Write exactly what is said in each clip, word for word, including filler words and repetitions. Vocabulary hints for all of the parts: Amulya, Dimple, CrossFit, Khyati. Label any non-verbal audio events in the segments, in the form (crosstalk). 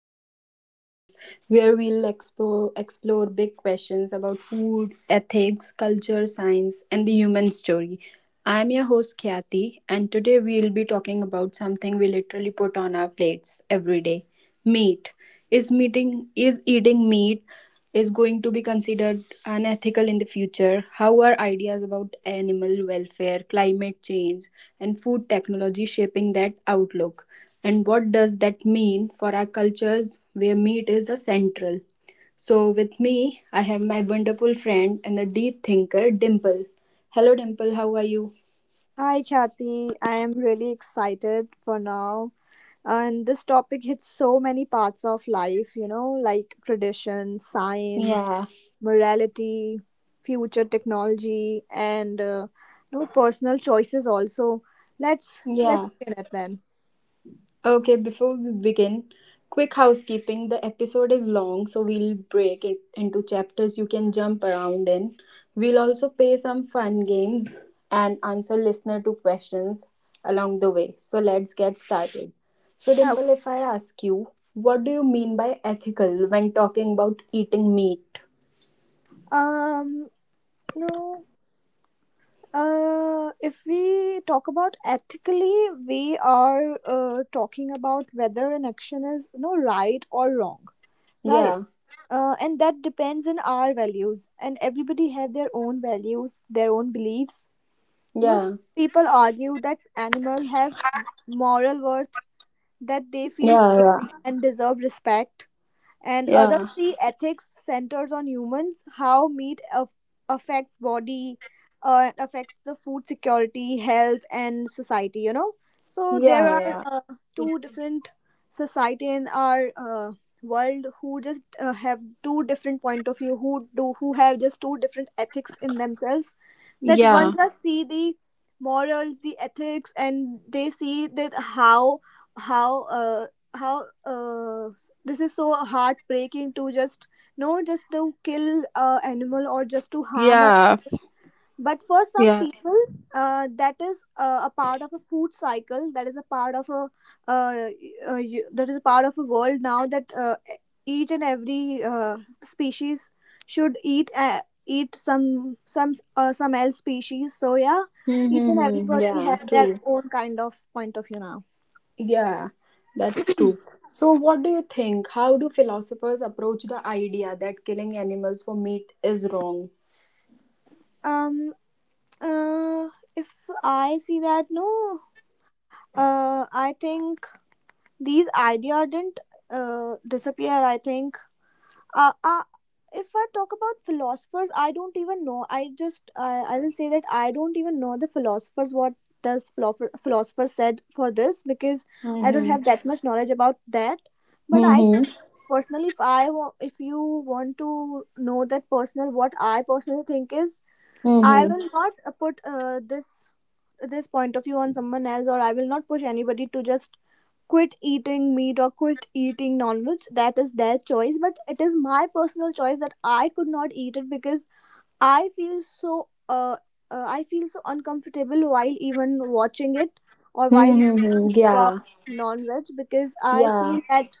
Another podcast where we'll explore, explore big questions about food, ethics, culture, science, and the human story. I'm your host Khyati, and today we'll be talking about something we literally put on our plates every day, meat. Is meeting is eating meat is going to be considered unethical in the future? How are ideas about animal welfare, climate change, and food technology shaping that outlook? And what does that mean for our cultures where meat is a central? So with me, I have my wonderful friend and the deep thinker Dimple. Hello Dimple, how are you? Hi, Kathy. I am really excited for now. And this topic hits so many parts of life, you know, like tradition, science, Yeah. morality, future technology, and uh, you know, personal choices also. Let's let's Yeah. begin it then. Okay, before we begin, quick housekeeping. The episode is long, so we'll break it into chapters you can jump around in. We'll also play some fun games and answer listener to questions along the way. So let's get started. So I- Dimple, if I ask you, what do you mean by ethical when talking about eating meat? Um, no. Uh, if we talk about ethically, we are uh, talking about whether an action is no right or wrong, right? Yeah, uh, And that depends on our values, and everybody have their own values, their own beliefs, you know. Some yeah, people argue that animals have moral worth, that they feel yeah, pain and deserve respect, and yeah, other yeah, see ethics centers on humans, how meat af- affects body, uh, affects the food security, health and society, you know. So there are yeah, uh, two different society in our uh, world who just uh, have two different point of view, who do, who have just two different ethics in themselves, yeah, that one yeah, just see the morals, the ethics, and they see that how how uh, how uh, this is so heartbreaking to just no just to kill a animal or just to harm a. yeah, But for some yeah. people, uh, that is uh, a part of a food cycle, that is a part of a uh, uh, y- that is a part of a world now, that uh, each and every uh, species should eat uh, eat some some uh, some else species. So yeah, each and Mm-hmm. everybody Yeah, have their true. own kind of point of view now. Yeah, that's true. So, what do you think? How do philosophers approach the idea that killing animals for meat is wrong? um uh, if i see that no, uh, I think these idea didn't uh, disappear, I think uh, uh, if I talk about philosophers, I don't even know. I just I I will say that I don't even know the philosophers. What does philosopher philosopher said for this? Because I don't have Mm-hmm. that much knowledge about that. But I Mm-hmm. personally, if I wa- if you want to know that personal, what I personally think is, I Mm-hmm. will not uh, put uh, this this point of view on someone else, or I will not push anybody to just quit eating meat or quit eating non-veg. That is their choice, but it is my personal choice that I could not eat it, because I feel so uh, uh I feel so uncomfortable while even watching it or while even Mm-hmm. eating uh, Yeah. non-veg, because I Yeah. feel that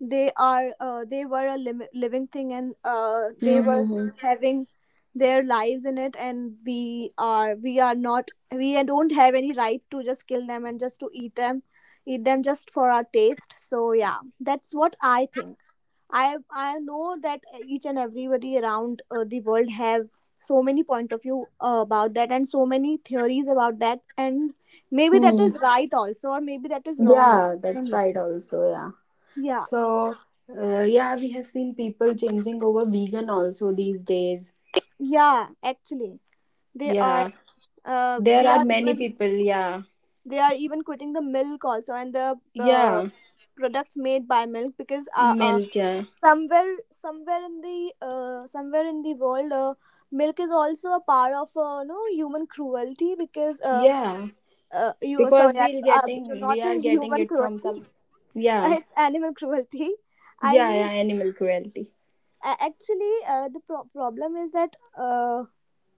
they are uh, they were a lim- living thing and uh, they were Mm-hmm. having their lives in it, and we are we are not we don't have any right to just kill them and just to eat them, eat them just for our taste. So yeah, that's what I think. I i know that each and everybody around uh, the world have so many point of view uh, about that, and so many theories about that, and maybe that Mm. is right also, or maybe that is wrong also. Yeah, I don't that's know. right also, yeah. Yeah So, uh, yeah, we have seen people changing over vegan also these days. yeah, actually they are Yeah. uh, There they are are many even people, yeah. they are even quitting the milk also and the uh, Yeah. products made by milk, because uh, uh, Milk, yeah. somewhere, somewhere in the uh, somewhere in the world, uh, milk is also a part of uh, no human cruelty, because uh, Yeah. uh, you Because sorry I, we're um, you're getting not we a are getting human it from cruelty some. (laughs) Yeah, it's animal cruelty, I yeah, mean. yeah, animal cruelty. A- actually uh, the pro- problem is that uh,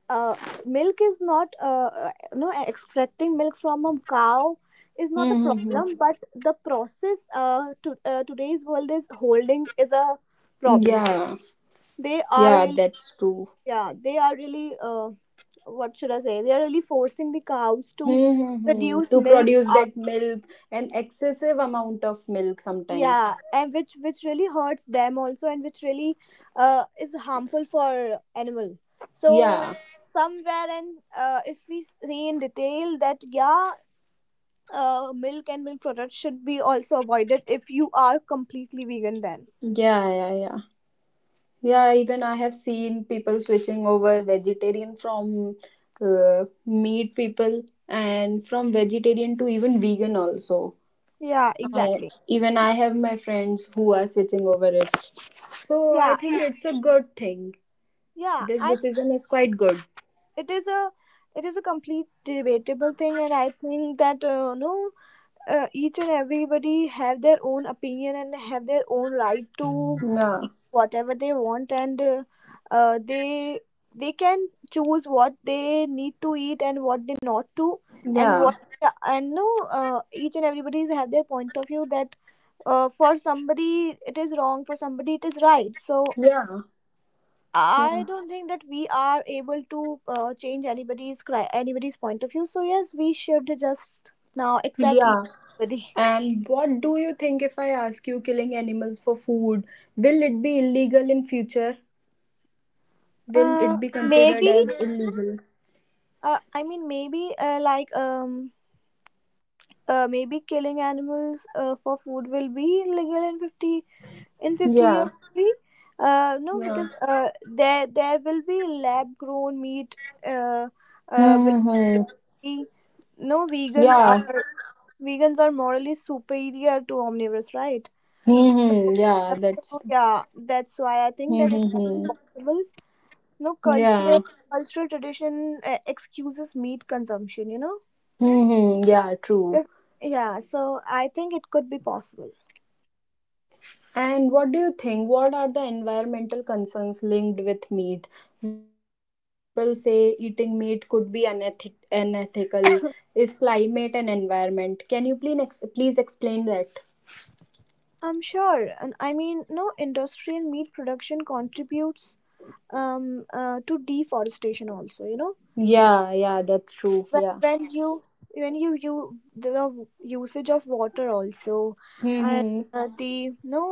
uh, milk is not uh, no extracting milk from a cow is not a Mm-hmm. problem, but the process uh, to uh, today's world is holding is a problem. Yeah, They are yeah, really, that's true. yeah they are really uh, what should I say, they are really forcing the cows to Mm-hmm. produce To milk produce out. that milk, an excessive amount of milk sometimes. Yeah, and which which really hurts them also, and which really uh, is harmful for animal. So Yeah, somewhere, and uh, if we see in detail that yeah, uh, milk and milk products should be also avoided if you are completely vegan, then yeah, yeah, yeah, yeah. Even I have seen people switching over vegetarian from uh, meat people, and from vegetarian to even vegan also. yeah I, exactly. even I have my friends who are switching over it. So I Yeah think it, it's a good thing. yeah This I think decision is quite good. it is a it is a complete debatable thing, and I think that uh, no uh, each and everybody have their own opinion and have their own right to Yeah. eat whatever they want, and uh, uh, they they can choose what they need to eat and what they not to, and Yeah. what, yeah, and no uh, each and everybody's have their point of view, that uh, for somebody it is wrong, for somebody it is right. So Yeah. I Yeah. don't think that we are able to uh, change anybody's cri- anybody's point of view, so yes, we should just now accept each Yeah. everybody. And what do you think if I ask you killing animals for food? Will it be illegal in future? (laughs) Will uh, it be considered Maybe as illegal? uh, I mean maybe uh, like um uh, maybe killing animals uh, for food will be legal in fifty, in fifty Yeah. years maybe. Uh, no, Yeah. because uh, there there will be lab grown meat, uh, uh, will Mm-hmm. be no. Vegans Yeah. are vegans are morally superior to omnivores, right? So, Mm-hmm. Yeah, uh, that's. so yeah, that's why I think that it can be Mm-hmm. possible. No, cultural Yeah. cultural tradition uh, excuses meat consumption, you know. Mm-hmm. Yeah, true. Because, yeah, so I think it could be possible. And what do you think? What are the environmental concerns linked with meat? One big reason people say eating meat could be uneth- unethical is climate and environment. Can you please ex- please explain that? I'm sure, and I mean, no, industrial meat production contributes um, uh, to deforestation also, you know. Yeah, yeah, that's true. Wh- Yeah. When you when you you the usage of water also, and Mm-hmm. uh, the no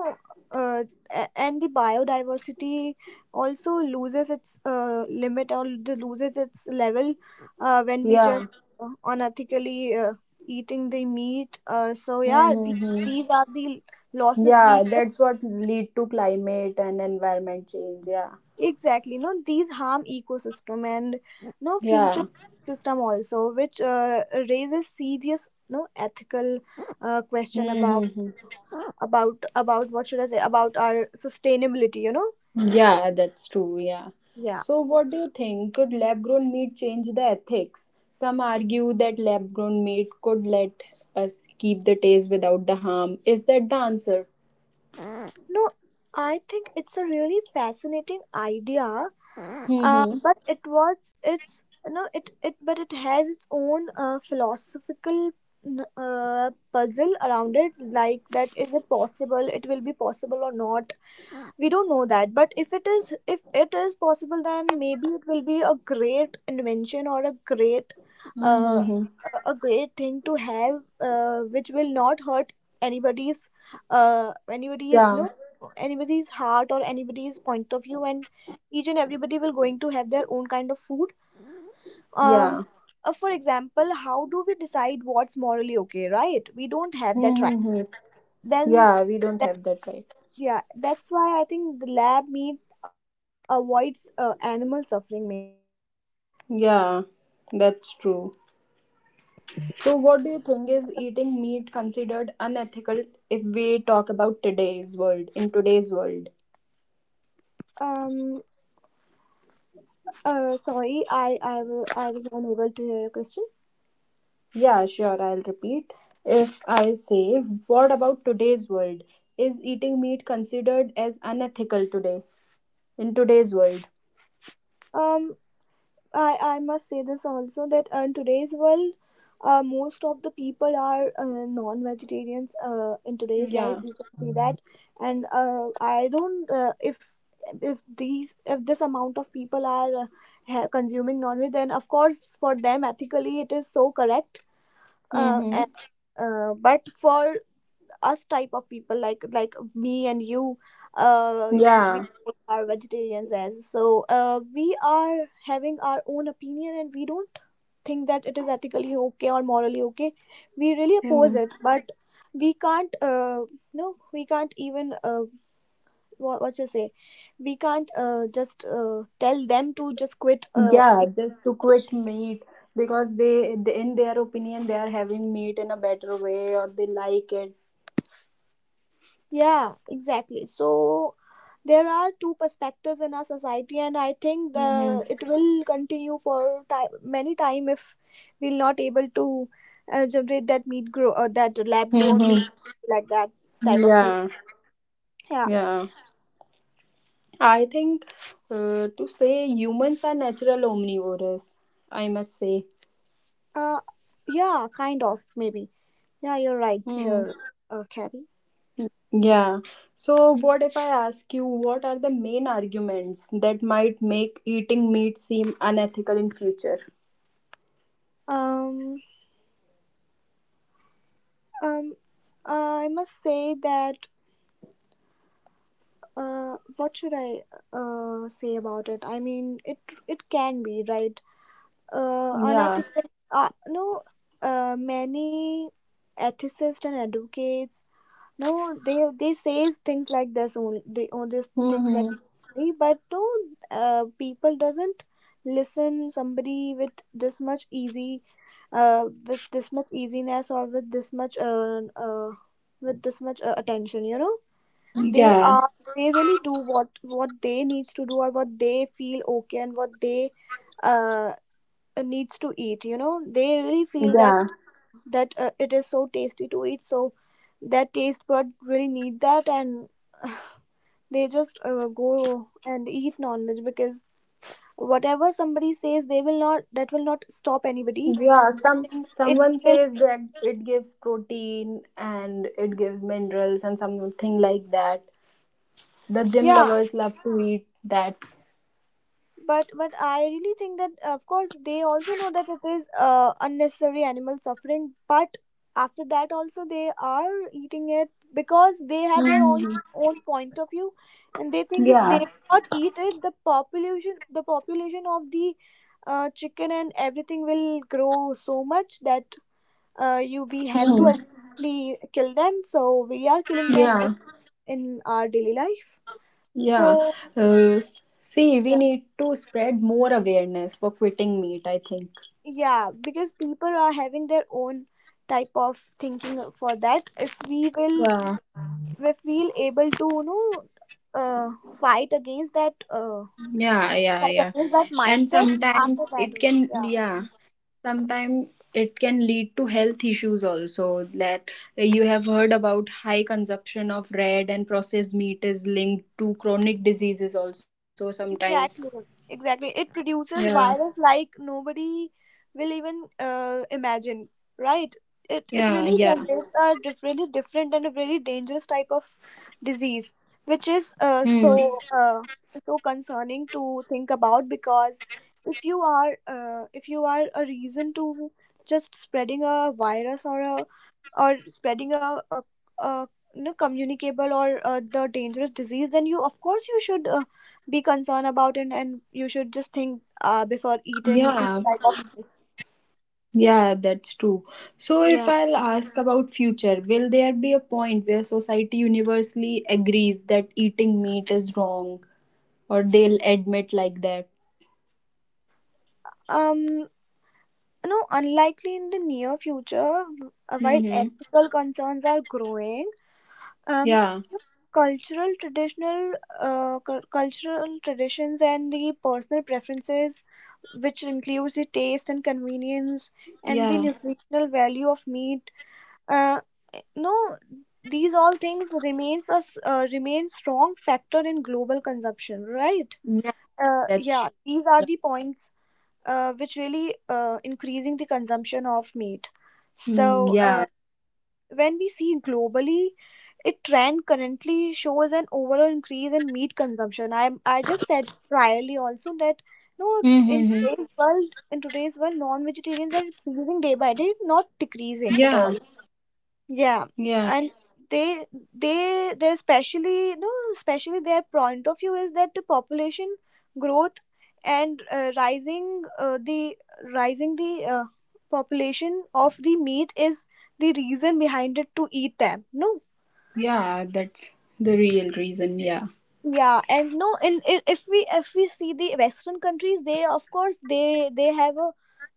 uh, a- and the biodiversity also loses its uh, limit, or the loses its level uh, when we Yeah. just uh, unethically uh, eating the meat. Uh, so yeah, these, Mm-hmm. these are the losses we, Yeah, that's what lead to climate and environment change. Yeah. exactly no, these harm ecosystem and no future Yeah. system also, which uh, raises serious no ethical uh, question about Mm-hmm. about about what should I say, about our sustainability, you know. Yeah, that's true. Yeah. Yeah. So, what do you think? Could lab grown meat change the ethics? Some argue that lab grown meat could let us keep the taste without the harm. Is that the answer? No, I think it's a really fascinating idea, uh, Mm-hmm. but it was it's no, it it but it has its own uh, philosophical n- uh, puzzle around it, like, that is it possible, it will be possible or not, we don't know that. But if it is, if it is possible, then maybe it will be a great invention, or a great uh, Mm-hmm. a a great thing to have, uh, which will not hurt anybody's uh, anybody's Yeah. no anybody's heart or anybody's point of view, and each and everybody will going to have their own kind of food. um Yeah. uh, for example, how do we decide what's morally okay, right? We don't have that right, Mm-hmm. then Yeah, we don't have that right. yeah, that's why I think lab meat avoids uh, animal suffering. Yeah, that's true. So, what do you think, is eating meat considered unethical if we talk about today's world, in today's world? Um. Uh. Sorry, I I wa- I was unable to hear your question. Yeah, sure, I'll repeat. If I say, what about today's world? Is eating meat considered as unethical today, in today's world? Um. I I must say this also, that uh, in today's world, uh, most of the people are uh, non-vegetarians. Uh, in today's life, Yeah. we can see that, and uh, I don't uh, if if these if this amount of people are uh, ha- consuming non-veg, then of course for them ethically it is so correct. Uh. Mm-hmm. And, uh, but for us type of people, like like me and you, uh we Yeah. we are vegetarians as so, uh we are having our own opinion, and we don't think that it is ethically okay or morally okay. We really oppose Mm. it, but we can't uh no we can't even uh what, what you say, we can't uh just uh tell them to just quit uh Yeah, just to eating it. quit meat, because they, they, in their opinion, they are having meat in a better way or they like it. Yeah, exactly. So there are two perspectives in our society, and I think Mm-hmm. the it will continue for time, many time, if we're not able to uh, generate that meat grow or that lab grown meat, Mm-hmm. like that type of thing. Yeah. Yeah. Yeah. I think uh, to say humans are natural omnivores, I must say. Uh. Yeah. Kind of maybe. Yeah, you're right Hmm. here, uh, Carrie. Yeah. So, what if I ask you what are the main arguments that might make eating meat seem unethical in future? Um. Um. I must say that. Uh. What should I uh say about it? I mean, it it can be right, uh, Yeah. unethical. Uh, no, uh, many ethicists and advocates. No, they they say things like this only. They only things like, Mm-hmm. but no, uh, people doesn't listen somebody with this much easy, uh, with this much easiness, or with this much uh, uh with this much uh, attention. You know, they Yeah. are they really do what what they needs to do, or what they feel okay, and what they uh uh, needs to eat, you know. They really feel that Yeah. that uh, it is so tasty to eat, so that taste bud really need that, and they just uh, go and eat non-veg, because whatever somebody says, they will not, that will not stop anybody. Yeah. I Some think it someone will, says that it gives protein and it gives minerals and something like that. The gym yeah, lovers love to eat that. but but I really think that of course they also know that it is uh, unnecessary animal suffering, but after that also they are eating it, because they have their own Hmm. own point of view, and they think if they Yeah. not eat it, the population the population of the uh, chicken and everything will grow so much that uh, you we have to Mhm. ultimately kill them, so we are killing them in, Yeah. in our daily life. So Yeah. Uh, s- see, we yeah. need to spread more awareness for quitting meat, I think. Yeah, because people are having their own type of thinking for that. if we will Yeah, if we'll able to you know uh, fight against that, uh, yeah, yeah, fight yeah. against that And mindset after sometimes that it only, can, yeah. yeah, sometimes it can lead to health issues also. That, you have heard about high consumption of red and processed meat is linked to chronic diseases also sometimes. Exactly, exactly. It Yeah, produces virus like nobody will even uh, imagine, right? It it yeah, really yeah. generates a diff- really different and a very dangerous type of disease, which is uh, Hmm. so uh, so concerning to think about. Because if you are uh, if you are a reason to just spreading a virus, or a or spreading a, a, a you know, communicable or uh, the dangerous disease, then you, of course, you should. Uh, be concerned about it, and you should just think uh, before eating these Yeah, type of things. yeah, that's true. So, if Yeah. I'll ask about future, will there be a point where society universally agrees that eating meat is wrong, or they'll admit like that? um no, unlikely in the near future. W- uh, while Mm-hmm. ethical concerns are growing, um Yeah. cultural traditional uh, cul- cultural traditions and the personal preferences, which includes the taste and convenience and the Yeah. nutritional value of meat, uh, no, these all things remains a s- uh, remain strong factor in global consumption, right? Yeah. uh, That's Yeah, true. these are the points uh, which really uh, increasing the consumption of meat. so uh, Yeah. Mhm. When we see globally, a trend currently shows an overall increase in meat consumption. I i just said priorly also that no, Mm, in yeah. Mm-hmm. today's world, in today's world non vegetarians are increasing day by day, not decreasing at Yeah. all. Yeah. Yeah. And they they they especially, no, especially their point of view is that the population growth and uh, rising uh, the rising the uh, population of the meat is the reason behind it to eat them. No. Yeah. That's the real reason. Yeah. Yeah, and no, in i- if we if we see the Western countries, they, of course, they they have a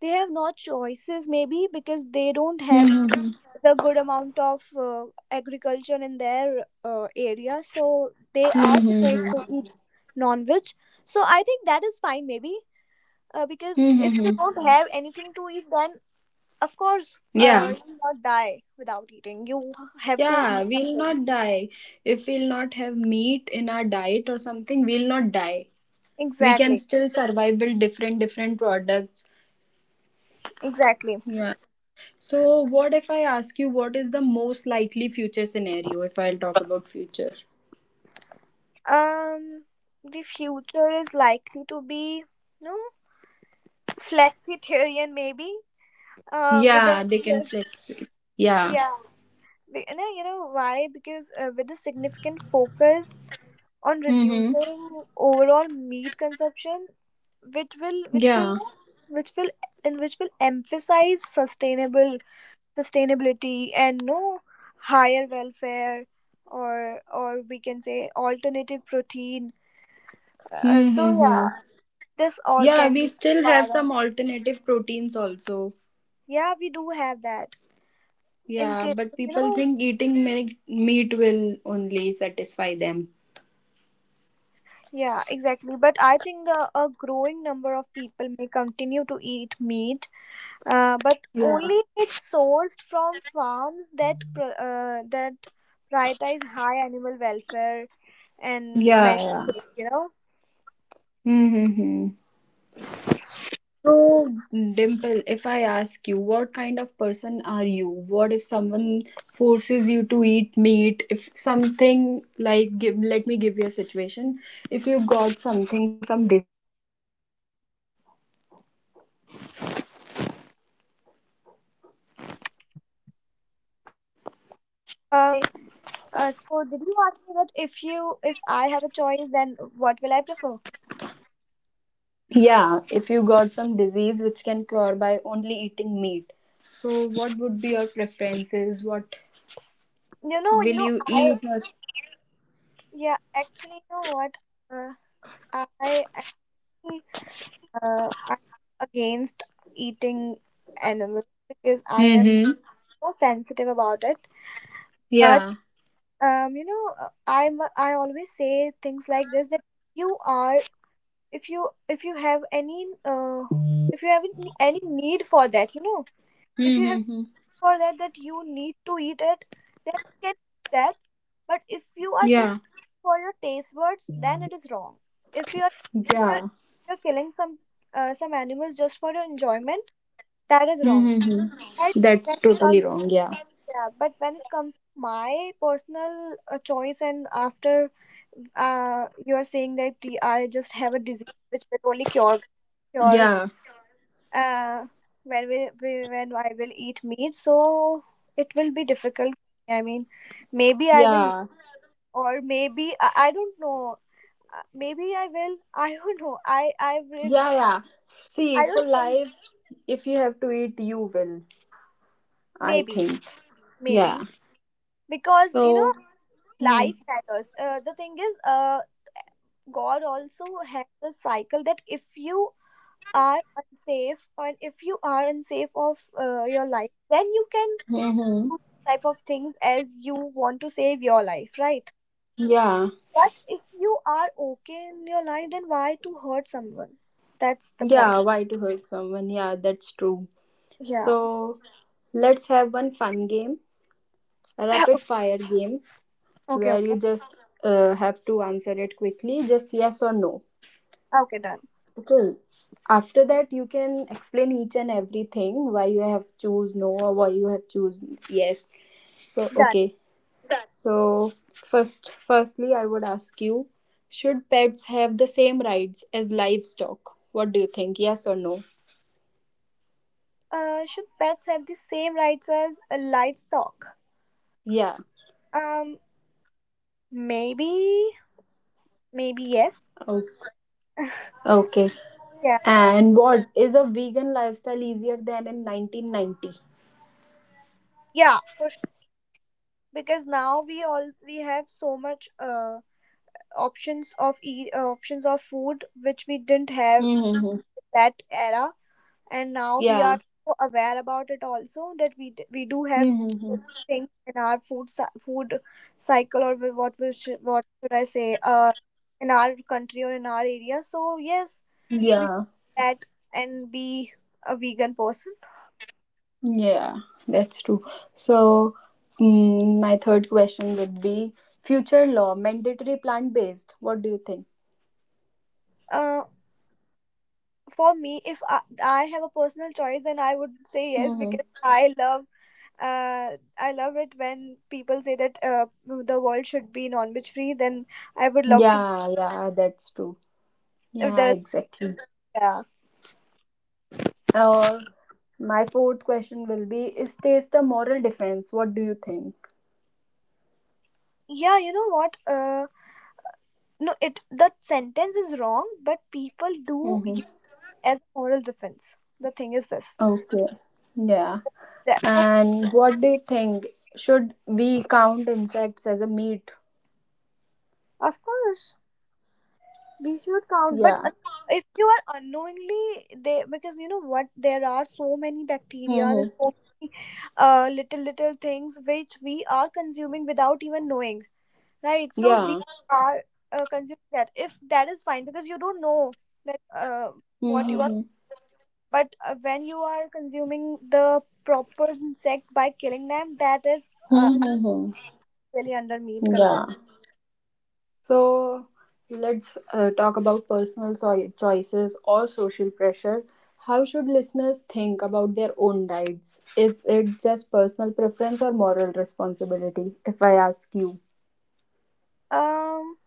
they have not choices maybe, because they don't have Mm-hmm. the good amount of uh, agriculture in their uh, area, so they are supposed Mm-hmm. to eat non-veg. So I think that is fine maybe, uh, because if you Mm-hmm. don't have anything to eat, then of course uh, Yeah. you will not die without eating. You have to Yeah. eat We'll something. not die. If we'll not have meat in our diet or something, we'll not die. We can Exactly, still survive with different different products. exactly. Yeah. So what if I ask you, what is the most likely future scenario if I'll talk about future? um the future is likely to be, no, flexitarian maybe, uh with Yeah, a, they can flex it. Yeah. yeah, Be- no, you know why? Because uh, with a significant focus on Mm-hmm. reducing overall meat consumption, which will which will Yeah. which will and which will emphasize sustainable sustainability and, no, higher welfare, or or we can say alternative protein. Uh, so Mm-hmm. yeah, this all Yeah, can we be still have part of. some alternative proteins also. Yeah, we do have that. In Yeah, case but you people know. think eating milk, meat will only satisfy them. Yeah, exactly. But I think the a growing number of people may continue to eat meat, uh, but only Yeah. if it's sourced from farms that pr- uh, that prioritize high animal welfare and Yeah, many yeah. things. You know, Mm-hmm. Dimple, if I ask you, what kind of person are you? What if someone forces you to eat meat? If something like, give, let me give you a situation. If you got something, some um, if I, uh, so did you ask me that if you if I have a choice, then what will I prefer? Yeah, if you got some disease which can cure by only eating meat. So what would be your preferences? What You know, will you know, you I eat, or Yeah. Actually, you know what? Uh, I am Uh, I'm against eating animals because I am Mm-hmm. so sensitive about it. But Yeah. um, you know, I'm I always say things like this that you are if you if you have any uh, if you have any any need for that, you know, if you have Mm-hmm. for that that you need to eat it, then you can eat that. But if you are Yeah. just for your taste buds, then it is wrong. If you are if you're, Yeah. you're killing some uh, some animals just for your enjoyment. That is wrong. But Mm-hmm. That's when it totally comes, wrong. Yeah. Yeah, but when it comes to my personal uh, choice, and after uh, you are saying that the- I just have a disease which will only cure cure Yeah. uh, when we, we when I will eat meat, so it will be difficult. I mean, maybe I will, Yeah. or maybe I, I don't know. Uh, Maybe I will. (laughs) I don't know. I I will. Yeah. Yeah. See, I for don't think life, if you have to eat, you will. I maybe, think. Yeah. maybe because you know So. Hmm. life matters. Uh, the thing is, uh, God also has a cycle that if you are unsafe, and if you are unsafe of uh, your life, then you can Mm-hmm. do this type of things as you want to save your life, right? Yeah. But if you are okay in your life, then why to hurt someone? That's the Yeah. point. Why to hurt someone? Yeah, that's true. Yeah. So let's have one fun game, a rapid (coughs) (clears throat) fire game, Okay. where Okay. you just uh, have to answer it quickly, just yes or no. Okay. Done. Okay. After that, you can explain each and everything why you have choose no or why you have choose yes. So Done. okay. So first, firstly, I would ask you, should pets have the same rights as livestock? What do you think? Yes or no? Uh, should pets have the same rights as uh, livestock? Yeah. Um, Maybe. Maybe yes. Okay. Okay. Yeah. And what is a vegan lifestyle easier than in nineteen ninety? Yeah. For Because now we all we have so much uh, options of e- uh, options of food which we didn't have Mm-hmm. that era, and now we Yeah. are so aware about it also that we d- we do have Mm-hmm. things in our food cy- food cycle, or wh- what we should, what should I say, uh in our country or in our area, so yes, we Yeah. should that and be a vegan person. Yeah. That's true. So, mm, my third question would be future law mandatory plant based. What do you think? uh for me, if I, I have a personal choice, then I would say yes, Mm-hmm. because I love, uh, I love it when people say that uh, the world should be non-veg free. Then I would love to. Yeah. Yeah. That's true. If Yeah. there, Exactly. yeah, Or my fourth question will be: is taste a moral defense? What do you think? yeah, you know what? Uh, no, it that sentence is wrong, but people do Mm-hmm. use as a moral defense. The thing is this. Okay. Yeah. That, but And what do you think? Should we count insects as a meat? of course, we should count. But Yeah. uh, if you are unknowingly, they, because you know what, there are so many bacteria and Mm-hmm. so many uh, little little things which we are consuming without even knowing. Right. So Yeah. we are uh, consuming that. If that is fine, because you don't know, like, uh, what you are. Mm-hmm. But uh, when you are consuming the proper insect by killing them, that is uh, Mm-hmm. actually under meat Yeah. consumption. So let's uh, talk about personal so choices or social pressure. How should listeners think about their own diets? Is it just personal preference or moral responsibility, if I ask you? Um.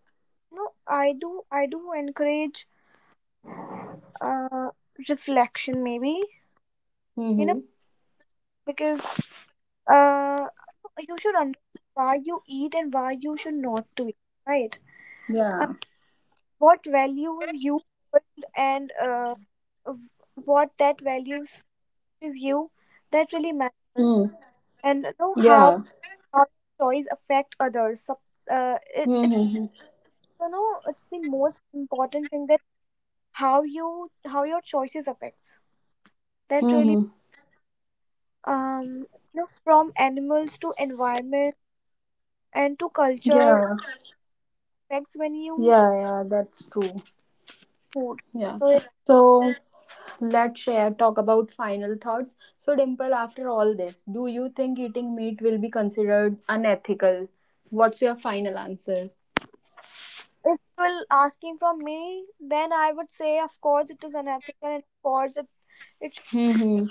No, I do. I do encourage uh reflection. Maybe, you know, Mm-hmm. because uh you should understand why you eat and why you should not to eat. Right. Uh, Yeah. what values you hold, and uh w- what that values is you, that really matters, Mm. and you know how Yeah. how your choice affect others. Sup- uh, it, it's Mm-hmm. you know it's the most important thing that how you how your choices affects, that really, Mm-hmm. um you know, from animals to environment and to culture, Yeah. affects when you Yeah. Yeah. That's true. food. Yeah. So So let's share talk about final thoughts. So Dimple, after all this, do you think eating meat will be considered unethical? What's your final answer? if if you will asking from me, then I would say of course it is unethical, and of course it, it. Hmm.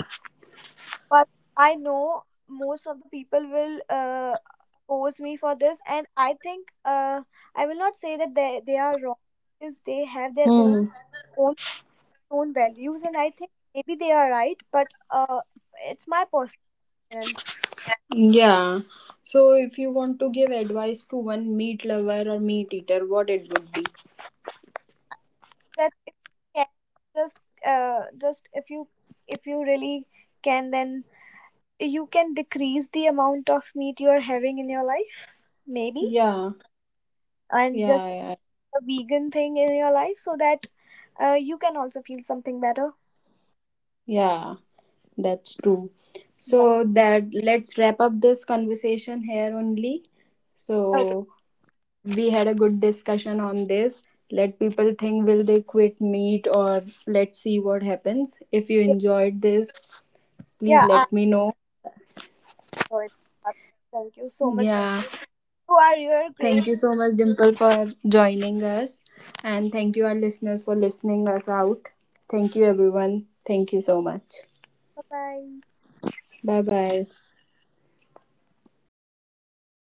But I know most of the people will uh, oppose me for this, and I think uh, I will not say that they they are wrong, because they have their own Hmm. own own values, and I think maybe they are right, but uh, it's my personal opinion. Yeah. So if you want to give advice to one meat lover or meat eater, what it would be? That if you can just, uh, just if you if you really can, then you can decrease the amount of meat you are having in your life, maybe, Yeah. and Yeah. just Yeah. a vegan thing in your life so that, Uh, you can also feel something better. Yeah. That's true. Yeah. So that, let's wrap up this conversation here only. Okay. So we had a good discussion on this. Let people think, will they quit meat, or let's see what happens. If you enjoyed this, please Yeah, I let me know. know it. Thank you so much. Yeah. You are you're great. Thank you so much Dimple for joining us, and thank you our listeners for listening us out. Thank you everyone. Thank you so much. Bye bye. Bye bye.